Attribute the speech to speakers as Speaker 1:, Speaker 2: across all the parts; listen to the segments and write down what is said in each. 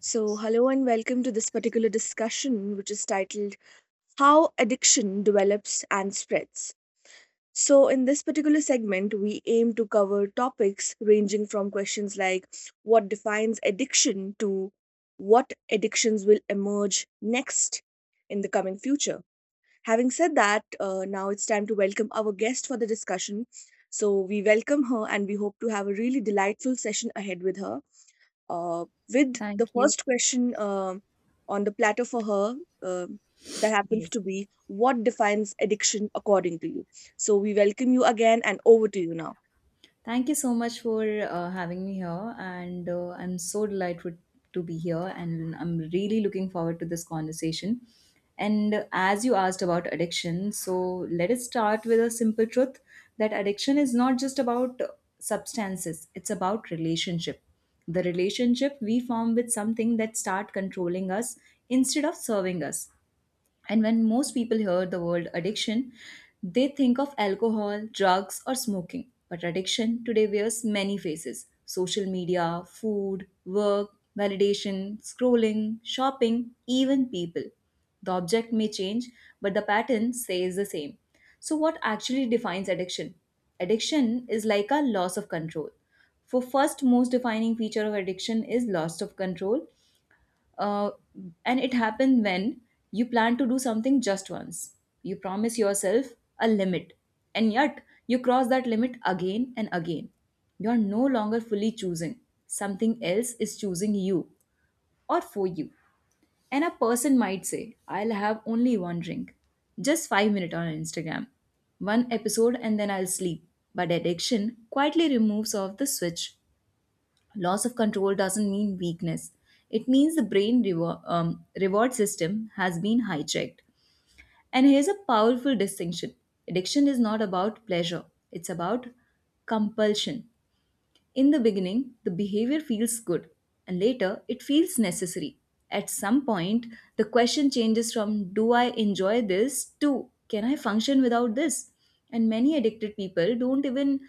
Speaker 1: So, hello and welcome to this particular discussion, which is titled How Addiction Develops and Spreads. So, in this particular segment, we aim to cover topics ranging from questions like what defines addiction to what addictions will emerge next in the coming future. Having said that, now it's time to welcome our guest for the discussion. So, we welcome her and we hope to have a really delightful session ahead with her uh, with the
Speaker 2: Thank you.
Speaker 1: first question on the platter for her um that happens
Speaker 2: Yes.
Speaker 1: to be what defines addiction according to you. So we welcome you again and over to you now.
Speaker 2: Thank you so much for having me here. And I'm so delighted to be here. And I'm really looking forward to this conversation. And as you asked about addiction, so let us start with a simple truth that addiction is not just about substances, it's about relationship. The relationship we form with something that start controlling us instead of serving us. And when most people hear the word addiction, they think of alcohol, drugs, or smoking. But addiction today wears many faces: social media, food, work, validation, scrolling, shopping, even people. The object may change, but the pattern stays the same. So, what actually defines addiction? Addiction is like a loss of control. For first, most defining feature of addiction is loss of control, uh, and it happens when you plan to do something just once. You promise yourself a limit, and yet you cross that limit again and again. You are no longer fully choosing; something else is choosing you, or for you. And a person might say, I'll have only one drink, just 5 minutes on Instagram, one episode and then I'll sleep. But addiction quietly removes off the switch. Loss of control doesn't mean weakness. It means the brain reward, reward system has been hijacked. And here's a powerful distinction: addiction is not about pleasure, it's about compulsion. In the beginning the behavior feels good, and later it feels necessary. At some point the question changes from, do I enjoy this, to, can I function without this? And many addicted people don't even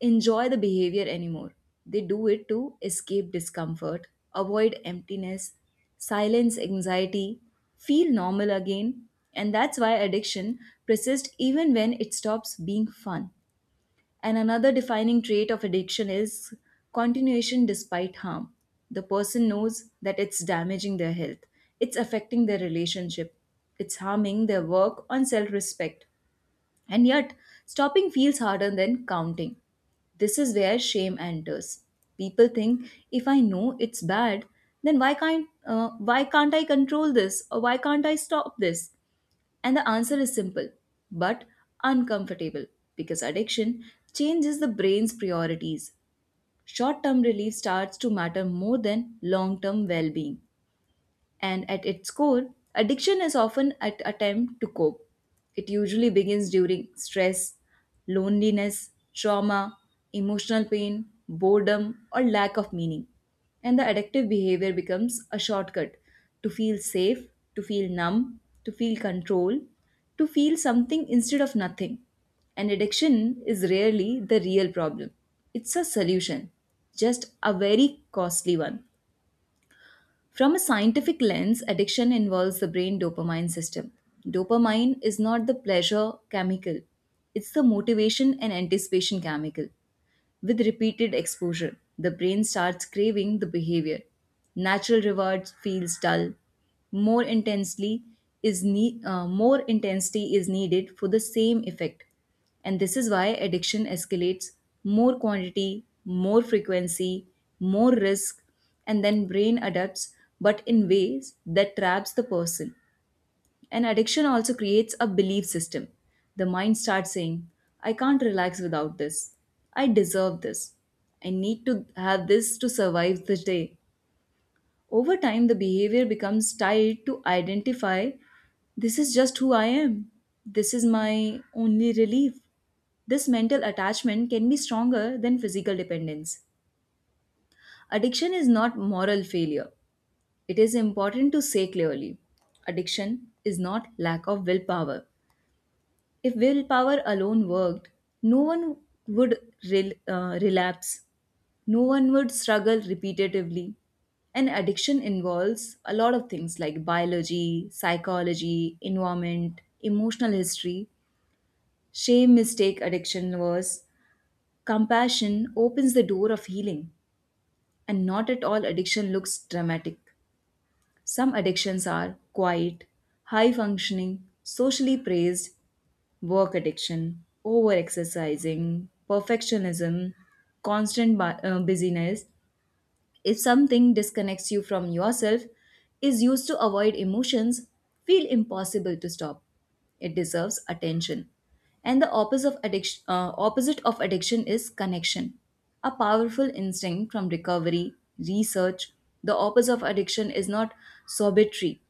Speaker 2: enjoy the behavior anymore. They do it to escape discomfort, avoid emptiness, silence anxiety, feel normal again, and that's why addiction persists even when it stops being fun. And another defining trait of addiction is continuation despite harm. The person knows that it's damaging their health, it's affecting their relationship, it's harming their work on self respect, and yet, stopping feels harder than counting. This is where shame enters. People think, if I know it's bad, then why can't I control this, or why can't I stop this? And the answer is simple but uncomfortable, because addiction changes the brain's priorities. Short-term relief starts to matter more than long-term well-being, and at its core, addiction is often an attempt to cope. It usually begins during stress, loneliness, trauma, emotional pain, boredom, or lack of meaning. And the addictive behavior becomes a shortcut to feel safe, to feel numb, to feel control, to feel something instead of nothing. And addiction is rarely the real problem, it's a solution, just a very costly one. From a scientific lens, addiction involves the brain dopamine system. Dopamine is not the pleasure chemical, it's the motivation and anticipation chemical. With repeated exposure, the brain starts craving the behavior. Natural reward feels dull. More intensely More intensity is needed for the same effect. And this is why addiction escalates: more quantity, more frequency, more risk, and then brain adapts, but in ways that traps the person. And addiction also creates a belief system. The mind starts saying, I can't relax without this. I deserve this. I need to have this to survive the day. Over time, the behavior becomes tied to identify, this is just who I am. This is my only relief. This mental attachment can be stronger than physical dependence. Addiction is not moral failure. It is important to say clearly. Addiction is not lack of willpower. If willpower alone worked, no one would relapse, no one would struggle repetitively. And addiction involves a lot of things like biology, psychology, environment, emotional history. Shame mistake addiction was. Compassion opens the door of healing, and not at all addiction looks dramatic. Some addictions are quiet, high functioning, socially praised: work addiction, over exercising, perfectionism, busyness. If something disconnects you from yourself, is used to avoid emotions, feel impossible to stop, it deserves attention. And the opposite of addiction is connection, a powerful instinct from recovery, research. The opposite of addiction is not sobriety,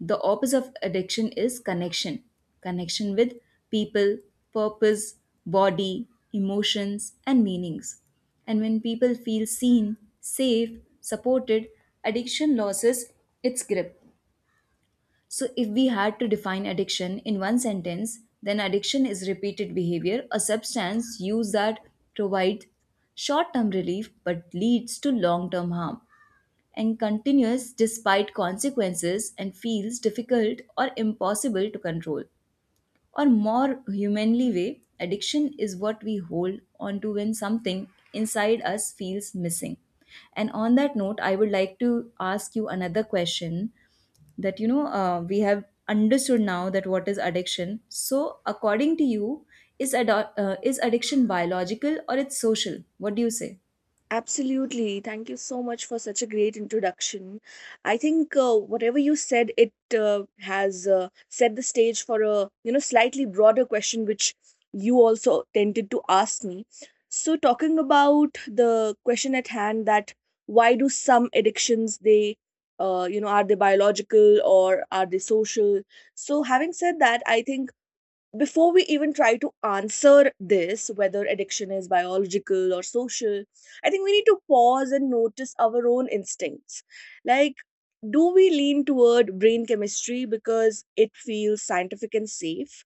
Speaker 2: the opposite of addiction is connection, connection with people, purpose, body, emotions, and meanings. And when people feel seen, safe, supported, addiction loses its grip. So, if we had to define addiction in one sentence, then addiction is repeated behavior, a substance used that provides short term relief but leads to long term harm and continues despite consequences and feels difficult or impossible to control. Or more humanly way, addiction is what we hold on to when something inside us feels missing. And on that note, I would like to ask you another question, that you know we have understood now that what is addiction. So, according to you, is addiction biological or it's social? What do you say?
Speaker 1: Absolutely. Thank you so much for such a great introduction. I think whatever you said, it has set the stage for a, you know, slightly broader question, which you also tended to ask me. So, talking about the question at hand, that why do some addictions they you know, are they biological or are they social? So, having said that, I think before we even try to answer this, whether addiction is biological or social, I think we need to pause and notice our own instincts. Like, do we lean toward brain chemistry because it feels scientific and safe?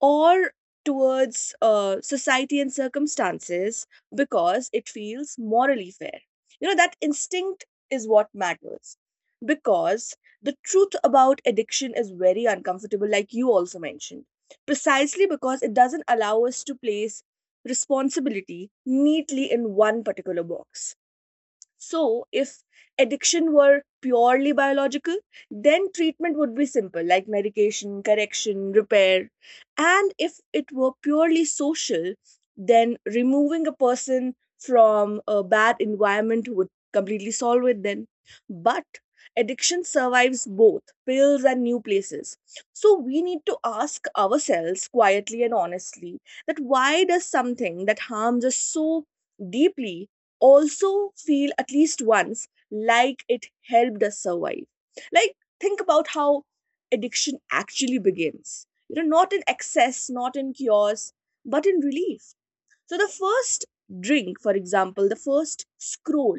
Speaker 1: Or towards society and circumstances because it feels morally fair. You know, that instinct is what matters, because the truth about addiction is very uncomfortable, like you also mentioned, precisely because it doesn't allow us to place responsibility neatly in one particular box. So, if addiction were purely biological, then treatment would be simple, like medication, correction, repair. And if it were purely social, then removing a person from a bad environment would completely solve it then. But addiction survives both pills and new places. So we need to ask ourselves quietly and honestly that why does something that harms us so deeply also feel, at least once, like it helped us survive. Like, think about how addiction actually begins. You know, not in excess, not in cures, but in relief. So the first drink, for example, the first scroll,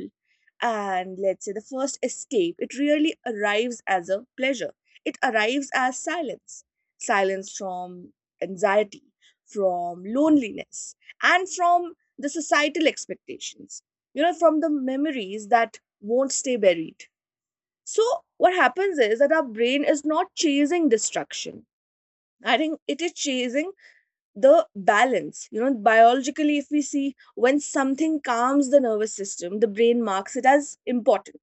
Speaker 1: and let's say the first escape, it really arrives as a pleasure. It arrives as silence, silence from anxiety, from loneliness, and from the societal expectations, you know, from the memories that won't stay buried. So, what happens is that our brain is not chasing destruction. I think it is chasing the balance. You know, biologically, if we see, when something calms the nervous system, the brain marks it as important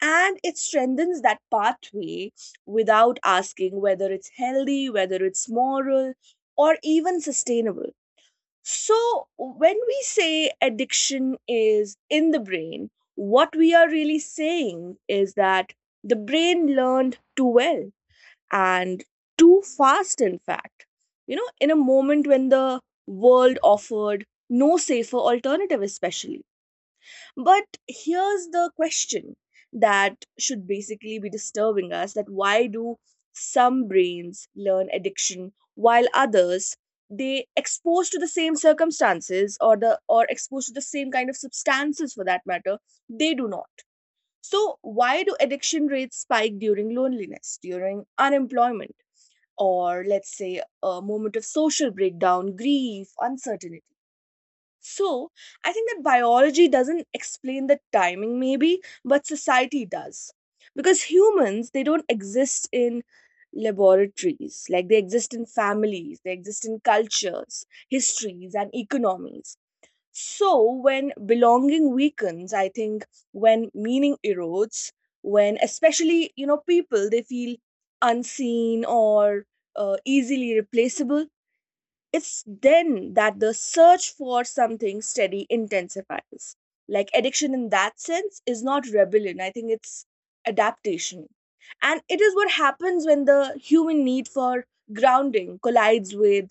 Speaker 1: and it strengthens that pathway without asking whether it's healthy, whether it's moral, or even sustainable. So when we say addiction is in the brain, what we are really saying is that the brain learned too well and too fast, in fact. You know, in a moment when the world offered no safer alternative, especially. But here's the question that should basically be disturbing us, that why do some brains learn addiction while others, they exposed to the same circumstances, or the, or exposed to the same kind of substances for that matter, they do not. So why do addiction rates spike during loneliness, during unemployment, or let's say a moment of social breakdown, grief, uncertainty. So, I think that biology doesn't explain the timing, maybe, but society does. Because humans, they don't exist in laboratories, like they exist in families, they exist in cultures, histories, and economies. So, when belonging weakens, I think, when meaning erodes, when especially, you know, people they feel unseen or easily replaceable, it's then that the search for something steady intensifies. Like addiction in that sense is not rebellion, I think it's adaptation. And it is what happens when the human need for grounding collides with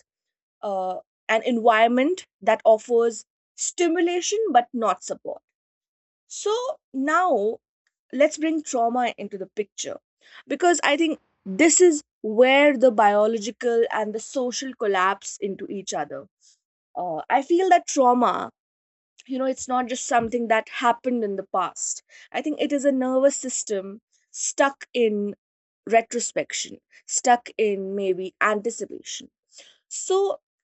Speaker 1: uh, an environment that offers stimulation but not support. So now let's bring trauma into the picture, because I think this is where the biological and the social collapse into each other. I feel that trauma, you know, it's not just something that happened in the past. I think it is a nervous system stuck in retrospection, stuck in maybe anticipation. So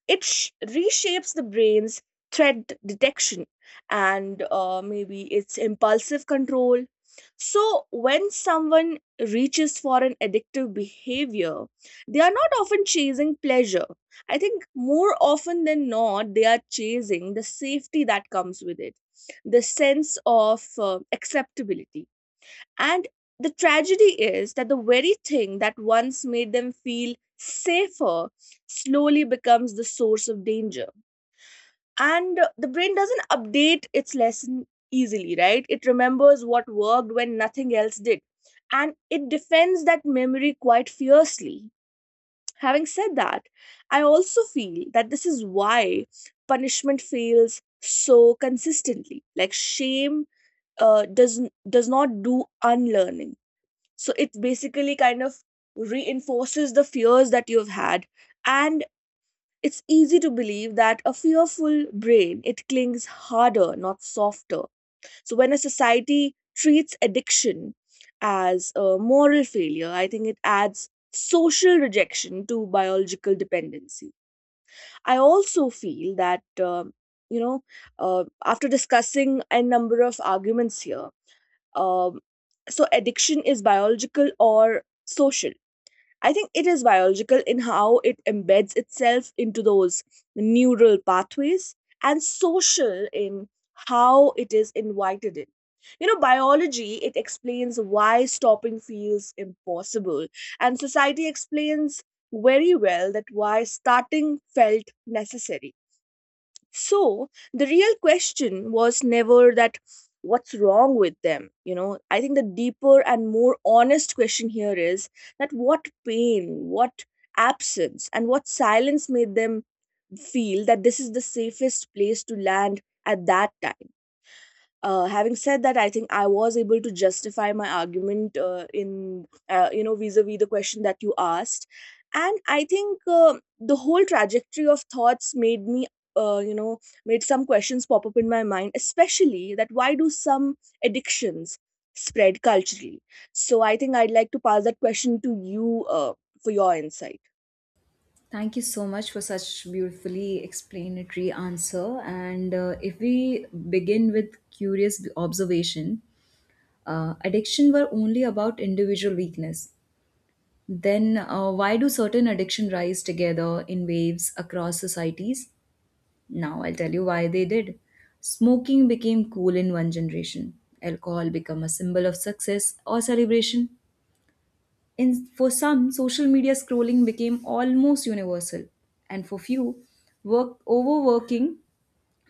Speaker 1: it reshapes the brain's threat detection and maybe its impulsive control. So when someone reaches for an addictive behavior, they are not often chasing pleasure. I think more often than not, they are chasing the safety that comes with it, the sense of acceptability. And the tragedy is that the very thing that once made them feel safer slowly becomes the source of danger. And the brain doesn't update its lesson easily, right? It remembers what worked when nothing else did. And it defends that memory quite fiercely. Having said that, I also feel that this is why punishment fails so consistently. Like shame uh, does does not do unlearning, so it basically kind of reinforces the fears that you've had. And it's easy to believe that a fearful brain, it clings harder, not softer. So when a society treats addiction as a moral failure, I think it adds social rejection to biological dependency. I also feel that, you know, after discussing a number of arguments here, um, so addiction is biological or social, I think it is biological in how it embeds itself into those neural pathways, and social in how it is invited in. You know, biology, it explains why stopping feels impossible, and society explains very well that why starting felt necessary. So the real question was never that what's wrong with them, you know. I think the deeper and more honest question here is that what pain, what absence, and what silence made them feel that this is the safest place to land at that time. Having said that, I think I was able to justify my argument in, you know, vis-a-vis the question that you asked. And I think the whole trajectory of thoughts made me you know, made some questions pop up in my mind, especially that why do some addictions spread culturally. So I think I'd like to pass that question to you for your insight.
Speaker 2: Thank you so much for such beautifully explanatory answer. And if we begin with curious observation, addiction were only about individual weakness. Then why do certain addiction rise together in waves across societies? Now I'll tell you why they did. Smoking became cool in one generation. Alcohol became a symbol of success or celebration. In, for some, social media scrolling became almost universal, and for few, work overworking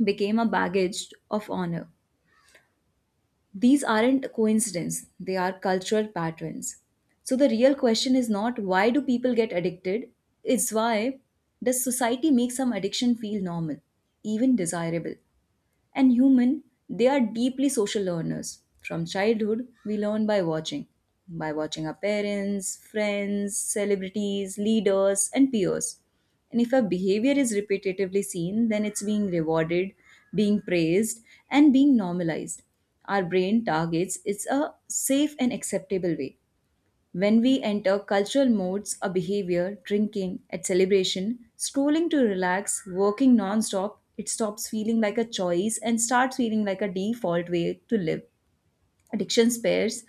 Speaker 2: became a baggage of honor. These aren't a coincidence, they are cultural patterns. So the real question is not, why do people get addicted, it's, why does society make some addiction feel normal, even desirable? And human, they are deeply social learners. From childhood, we learn by watching our parents, friends, celebrities, leaders, and peers. And if a behavior is repetitively seen, then it's being rewarded, being praised, and being normalized. Our brain targets it's a safe and acceptable way. When we enter cultural modes of behavior, drinking at celebration, scrolling to relax, working non-stop, it stops feeling like a choice and starts feeling like a default way to live. Addiction spares,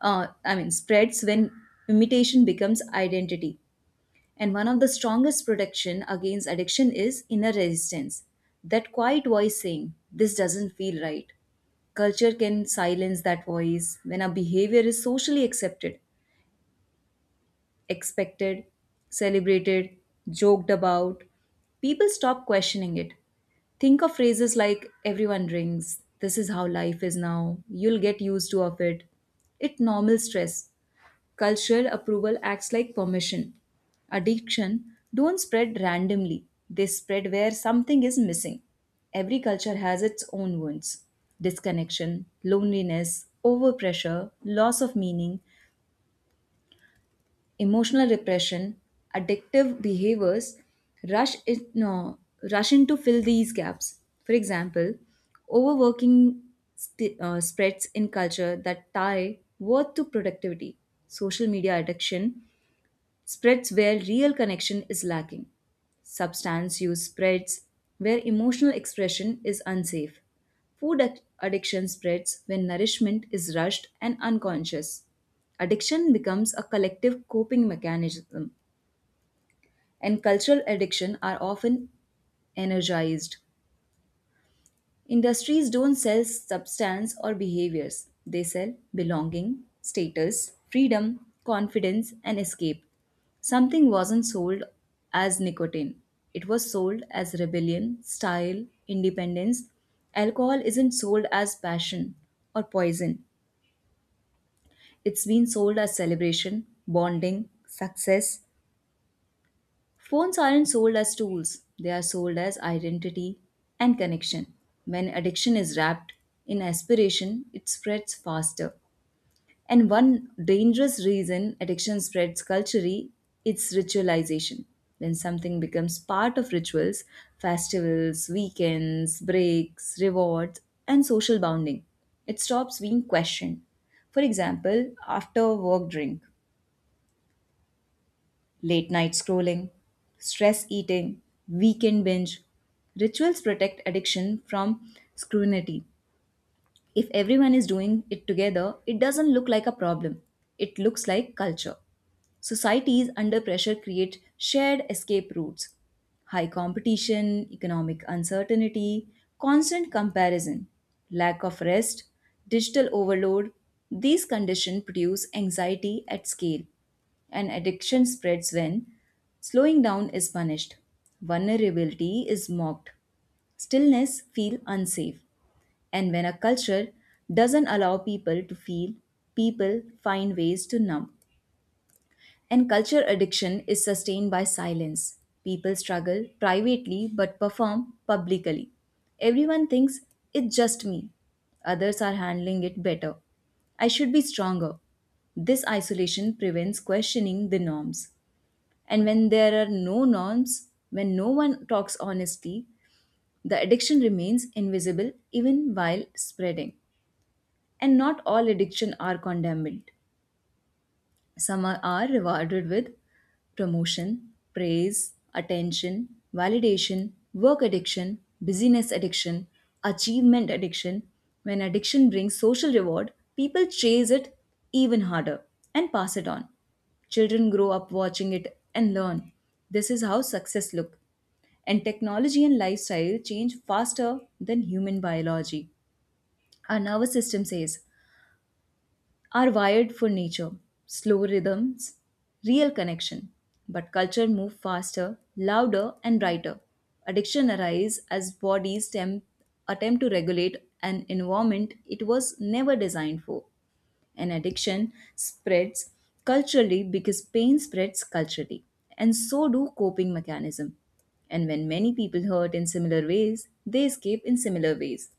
Speaker 2: I mean, spreads when imitation becomes identity. And one of the strongest protection against addiction is inner resistance. That quiet voice saying, "This doesn't feel right." Culture can silence that voice. When a behavior is socially accepted, expected, celebrated, joked about, people stop questioning it. Think of phrases like, everyone drinks, this is how life is now, you'll get used to of it. It normal stress. Cultural approval acts like permission. Addiction don't spread randomly. They spread where something is missing. Every culture has its own wounds. Disconnection, loneliness, overpressure, loss of meaning, emotional repression, addictive behaviors rush in, no, rush in to fill these gaps. For example, overworking spreads in culture that tie worth to productivity. Social media addiction spreads where real connection is lacking. Substance use spreads where emotional expression is unsafe. Addiction spreads when nourishment is rushed and unconscious. Addiction becomes a collective coping mechanism, and cultural addiction are often energized. Industries don't sell substance or behaviors, they sell belonging, status, freedom, confidence, and escape. Something wasn't sold as nicotine, it was sold as rebellion, style, independence. Alcohol isn't sold as passion or poison, it's been sold as celebration, bonding, success. Phones aren't sold as tools, they are sold as identity and connection. When addiction is wrapped in aspiration, it spreads faster. And one dangerous reason addiction spreads culturally is ritualization. When something becomes part of rituals, festivals, weekends, breaks, rewards, and social bonding, it stops being questioned. For example, after work drink. Late night scrolling, stress eating, weekend binge. Rituals protect addiction from scrutiny. If everyone is doing it together, it doesn't look like a problem. It looks like culture. Societies under pressure create shared escape routes. High competition, economic uncertainty, constant comparison, lack of rest, digital overload, these conditions produce anxiety at scale, and addiction spreads when slowing down is punished, vulnerability is mocked, stillness feel unsafe, and when a culture doesn't allow people to feel, people find ways to numb. And culture addiction is sustained by silence. People struggle privately but perform publicly. Everyone thinks it's just me. Others are handling it better. I should be stronger. This isolation prevents questioning the norms. And when there are no norms, when no one talks honestly, the addiction remains invisible even while spreading. And not all addiction are condemned. Some are rewarded with promotion, praise, attention, validation: work addiction, busyness addiction, achievement addiction. When addiction brings social reward, people chase it even harder and pass it on. Children grow up watching it and learn. This is how success looks. And technology and lifestyle change faster than human biology. Our nervous system says, are wired for nature, slow rhythms, real connection. But culture move faster, louder, and brighter. Addiction arise as bodies attempt to regulate an environment it was never designed for. And addiction spreads culturally because pain spreads culturally, and so do coping mechanism. And when many people hurt in similar ways, they escape in similar ways.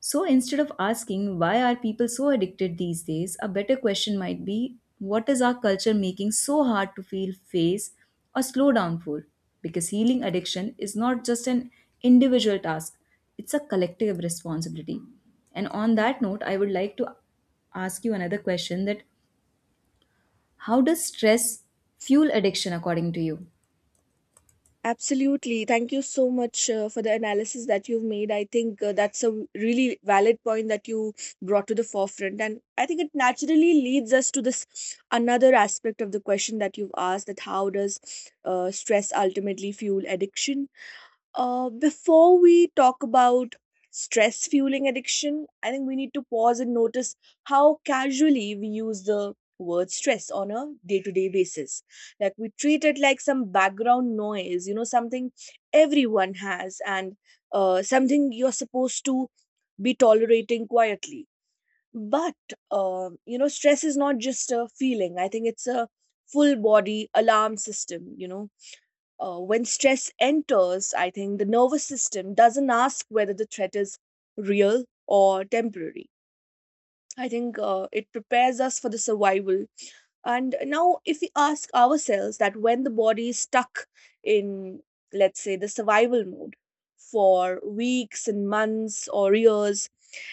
Speaker 2: So instead of asking, why are people so addicted these days, a better question might be, what is our culture making so hard to feel, face, or slow down for? Because healing addiction is not just an individual task, it's a collective responsibility. And on that note, I would like to ask you another question, that how does stress fuel addiction according to you?
Speaker 1: Absolutely. Thank you so much for the analysis that you've made. I think that's a really valid point that you brought to the forefront. And I think it naturally leads us to this another aspect of the question that you've asked, that how does stress ultimately fuel addiction? Before we talk about stress fueling addiction, I think we need to pause and notice how casually we use the word stress on a day to day basis. Like we treat it like some background noise, you know, something everyone has and something you're supposed to be tolerating quietly. But, you know, stress is not just a feeling, I think it's a full body alarm system, you know. When stress enters, I think the nervous system doesn't ask whether the threat is real or temporary. I think it prepares us for the survival. And now, if we ask ourselves that when the body is stuck in, let's say, the survival mode for weeks and months or years,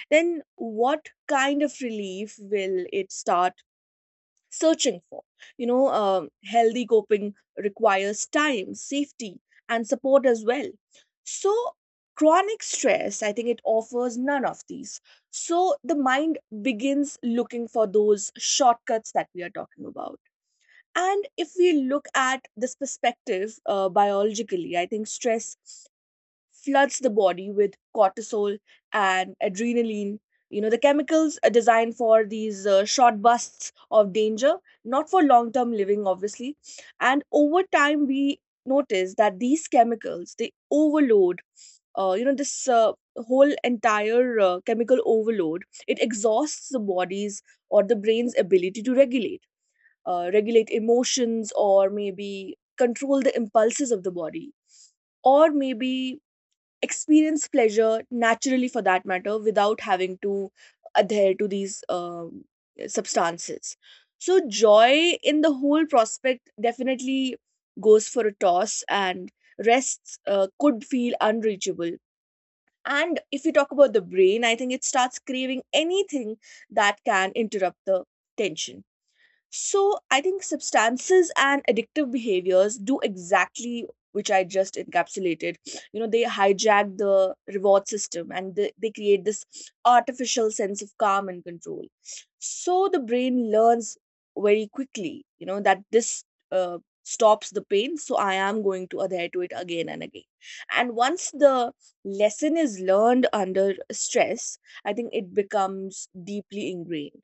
Speaker 1: then what kind of relief will it start searching for. You know, healthy coping requires time, safety, and support as well. So, chronic stress, I think it offers none of these. So, the mind begins looking for those shortcuts that we are talking about. And if we look at this perspective biologically, I think stress floods the body with cortisol and adrenaline. You know, the chemicals are designed for these short bursts of danger, not for long term living, obviously. And over time, we notice that these chemicals, they overload, you know, this whole entire chemical overload, it exhausts the body's or the brain's ability to regulate, regulate emotions or maybe control the impulses of the body, or maybe experience pleasure naturally for that matter without having to adhere to these substances. So joy in the whole prospect definitely goes for a toss, and rests could feel unreachable. And if you talk about the brain, I think it starts craving anything that can interrupt the tension. So I think substances and addictive behaviors do exactly which I just encapsulated. You know, they hijack the reward system and they create this artificial sense of calm and control. So the brain learns very quickly, you know, that this stops the pain. So I am going to adhere to it again and again. And once the lesson is learned under stress, I think it becomes deeply ingrained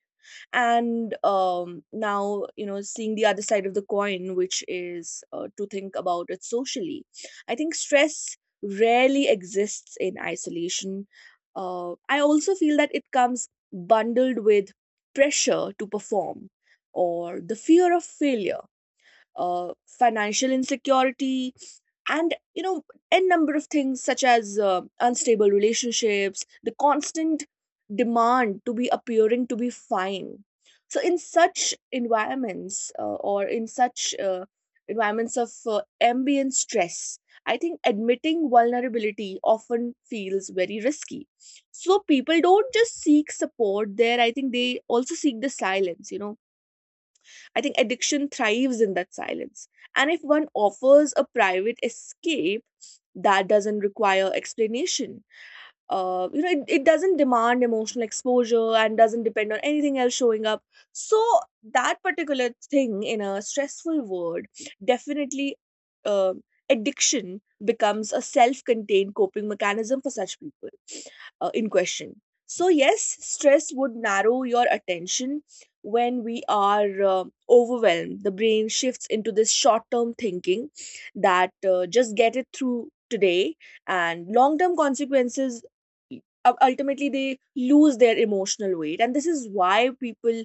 Speaker 1: and now you know seeing the other side of the coin, which is to think about it socially. I think stress rarely exists in isolation. I also feel that it comes bundled with pressure to perform or the fear of failure, financial insecurity, and n number of things such as unstable relationships, the constant demand to be appearing to be fine. So in such environments, or in such environments of ambient stress, I think admitting vulnerability often feels very risky. So people don't just seek support there, I think they also seek the silence. I think addiction thrives in that silence. And if one offers a private escape that doesn't require explanation, it doesn't demand emotional exposure and doesn't depend on anything else showing up. So that particular thing in a stressful world, definitely, uh, addiction becomes a self-contained coping mechanism for such people in question. So yes, stress would narrow your attention. When we are overwhelmed, the brain shifts into this short-term thinking that just get it through today, and long-term consequences, u- ultimately they lose their emotional weight, and this is why people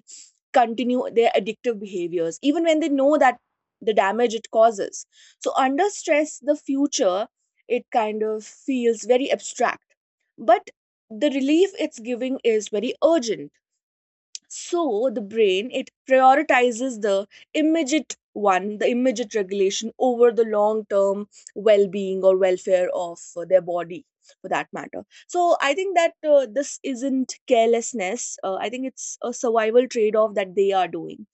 Speaker 1: continue their addictive behaviors even when they know that the damage it causes. So under stress, the future, it kind of feels very abstract, but the relief it's giving is very urgent. So the brain, it prioritizes the immediate one, the immediate regulation over the long term well being or welfare of their body, for that matter. So I think that this isn't carelessness. I think it's a survival trade off that they are doing.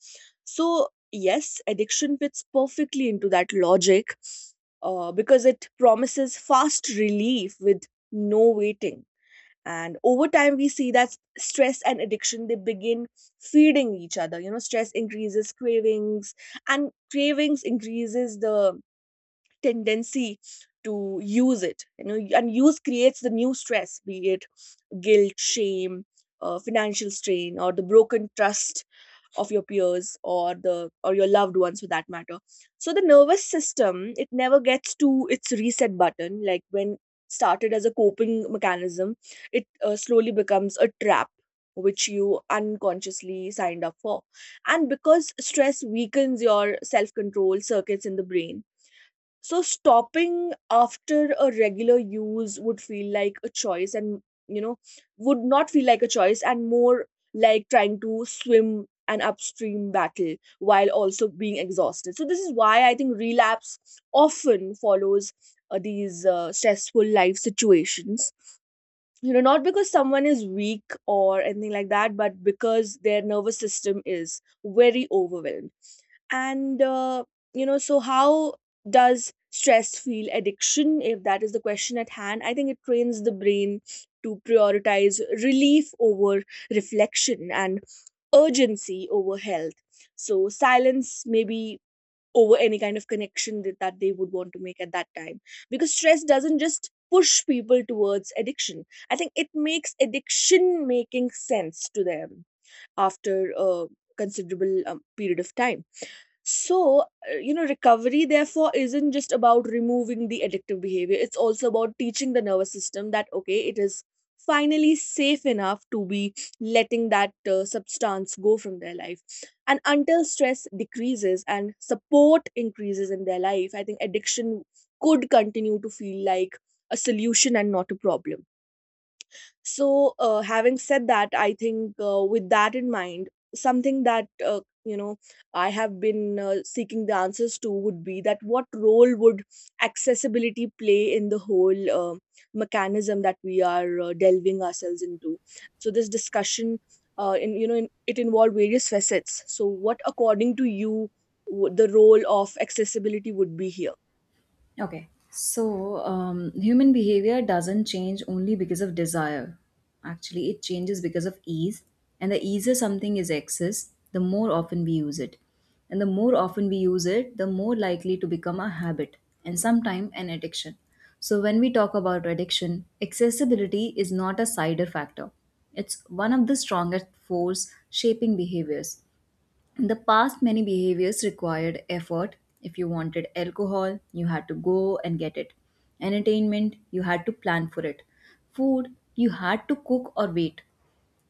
Speaker 1: So yes, addiction fits perfectly into that logic, because it promises fast relief with no waiting. And over time we see that stress and addiction, they begin feeding each other. You know, stress increases cravings, and cravings increases the tendency to use it, and use creates the new stress, be it guilt, shame, financial strain, or the broken trust of your peers or the or your loved ones, for that matter. So the nervous system, it never gets to its reset button. Like when started as a coping mechanism, it slowly becomes a trap which you unconsciously signed up for. And because stress weakens your self control circuits in the brain, so stopping after a regular use would feel like a choice and, you know would not feel like a choice and more like trying to swim an upstream battle while also being exhausted. So this is why I think relapse often follows these stressful life situations. You know, not because someone is weak or anything like that, but because their nervous system is very overwhelmed, and so how does stress feel addiction, if that is the question at hand? I think it trains the brain to prioritize relief over reflection, and urgency over health, so silence maybe over any kind of connection that they would want to make at that time. Because stress doesn't just push people towards addiction, I think it makes addiction making sense to them after a considerable period of time. So, recovery therefore isn't just about removing the addictive behavior. It's also about teaching the nervous system that, okay, it is finally safe enough to be letting that substance go from their life. And until stress decreases and support increases in their life, I think addiction could continue to feel like a solution and not a problem. So, having said that, I think with that in mind, something that I have been seeking the answers to would be that what role would accessibility play in the whole mechanism that we are delving ourselves into? So, this discussion, in you know, in, it involved various facets. So, what according to you the role of accessibility would be here?
Speaker 2: Okay. So, human behavior doesn't change only because of desire. Actually, it changes because of ease. And the easier something is accessed, the more often we use it. And the more often we use it, the more likely to become a habit and sometime an addiction. So, when we talk about addiction, accessibility is not a cider factor. It's one of the strongest force shaping behaviors. In the past, many behaviors required effort. If you wanted alcohol, you had to go and get it. Entertainment, you had to plan for it. Food, you had to cook or wait.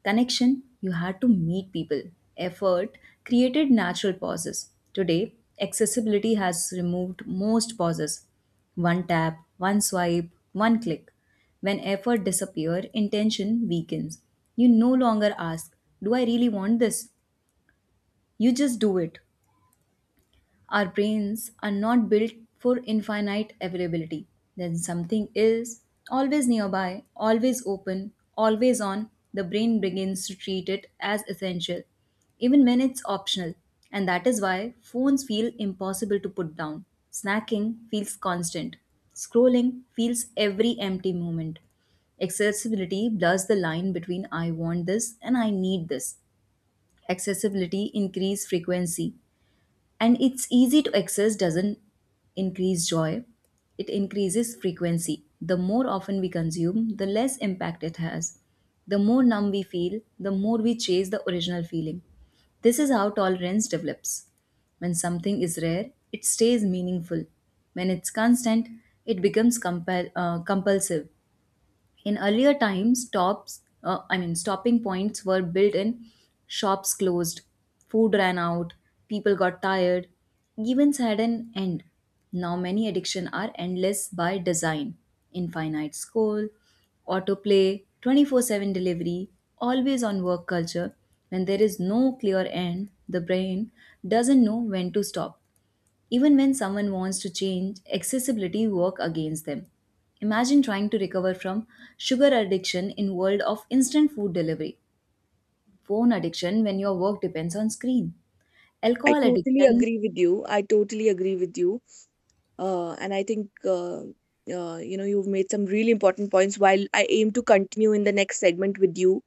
Speaker 2: Connection, you had to meet people. Effort created natural pauses. Today, accessibility has removed most pauses. One tap, one swipe, one click. When effort disappears, intention weakens. You no longer ask, do I really want this? You just do it. Our brains are not built for infinite availability. Then something is always nearby, always open, always on, the brain begins to treat it as essential, even when it's optional. And that is why phones feel impossible to put down. Snacking feels constant. Scrolling feels every empty moment. Accessibility blurs the line between I want this and I need this. Accessibility increase frequency, and it's easy to access doesn't increase joy, it increases frequency. The more often we consume, the less impact it has. The more numb we feel, the more we chase the original feeling. This is how tolerance develops. When something is rare, it stays meaningful. When it's constant, it becomes compulsive. In earlier times, stopping points were built in. Shops closed, food ran out, people got tired. Events had an end. Now many addiction are endless by design. Infinite scroll, autoplay, 24/7 delivery, always on work culture. When there is no clear end, the brain doesn't know when to stop. Even when someone wants to change, accessibility work against them. Imagine trying to recover from sugar addiction in world of instant food delivery, phone addiction when your work depends on screen,
Speaker 1: I
Speaker 2: alcohol
Speaker 1: totally
Speaker 2: addiction.
Speaker 1: agree with you. I totally agree with you. And I think, you know, You've made some really important points while I aim to continue in the next segment with you.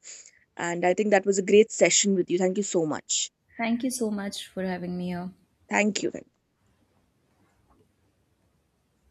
Speaker 1: And I think that was a great session with you. Thank you so much.
Speaker 2: Thank you so much for having me here.
Speaker 1: Thank you.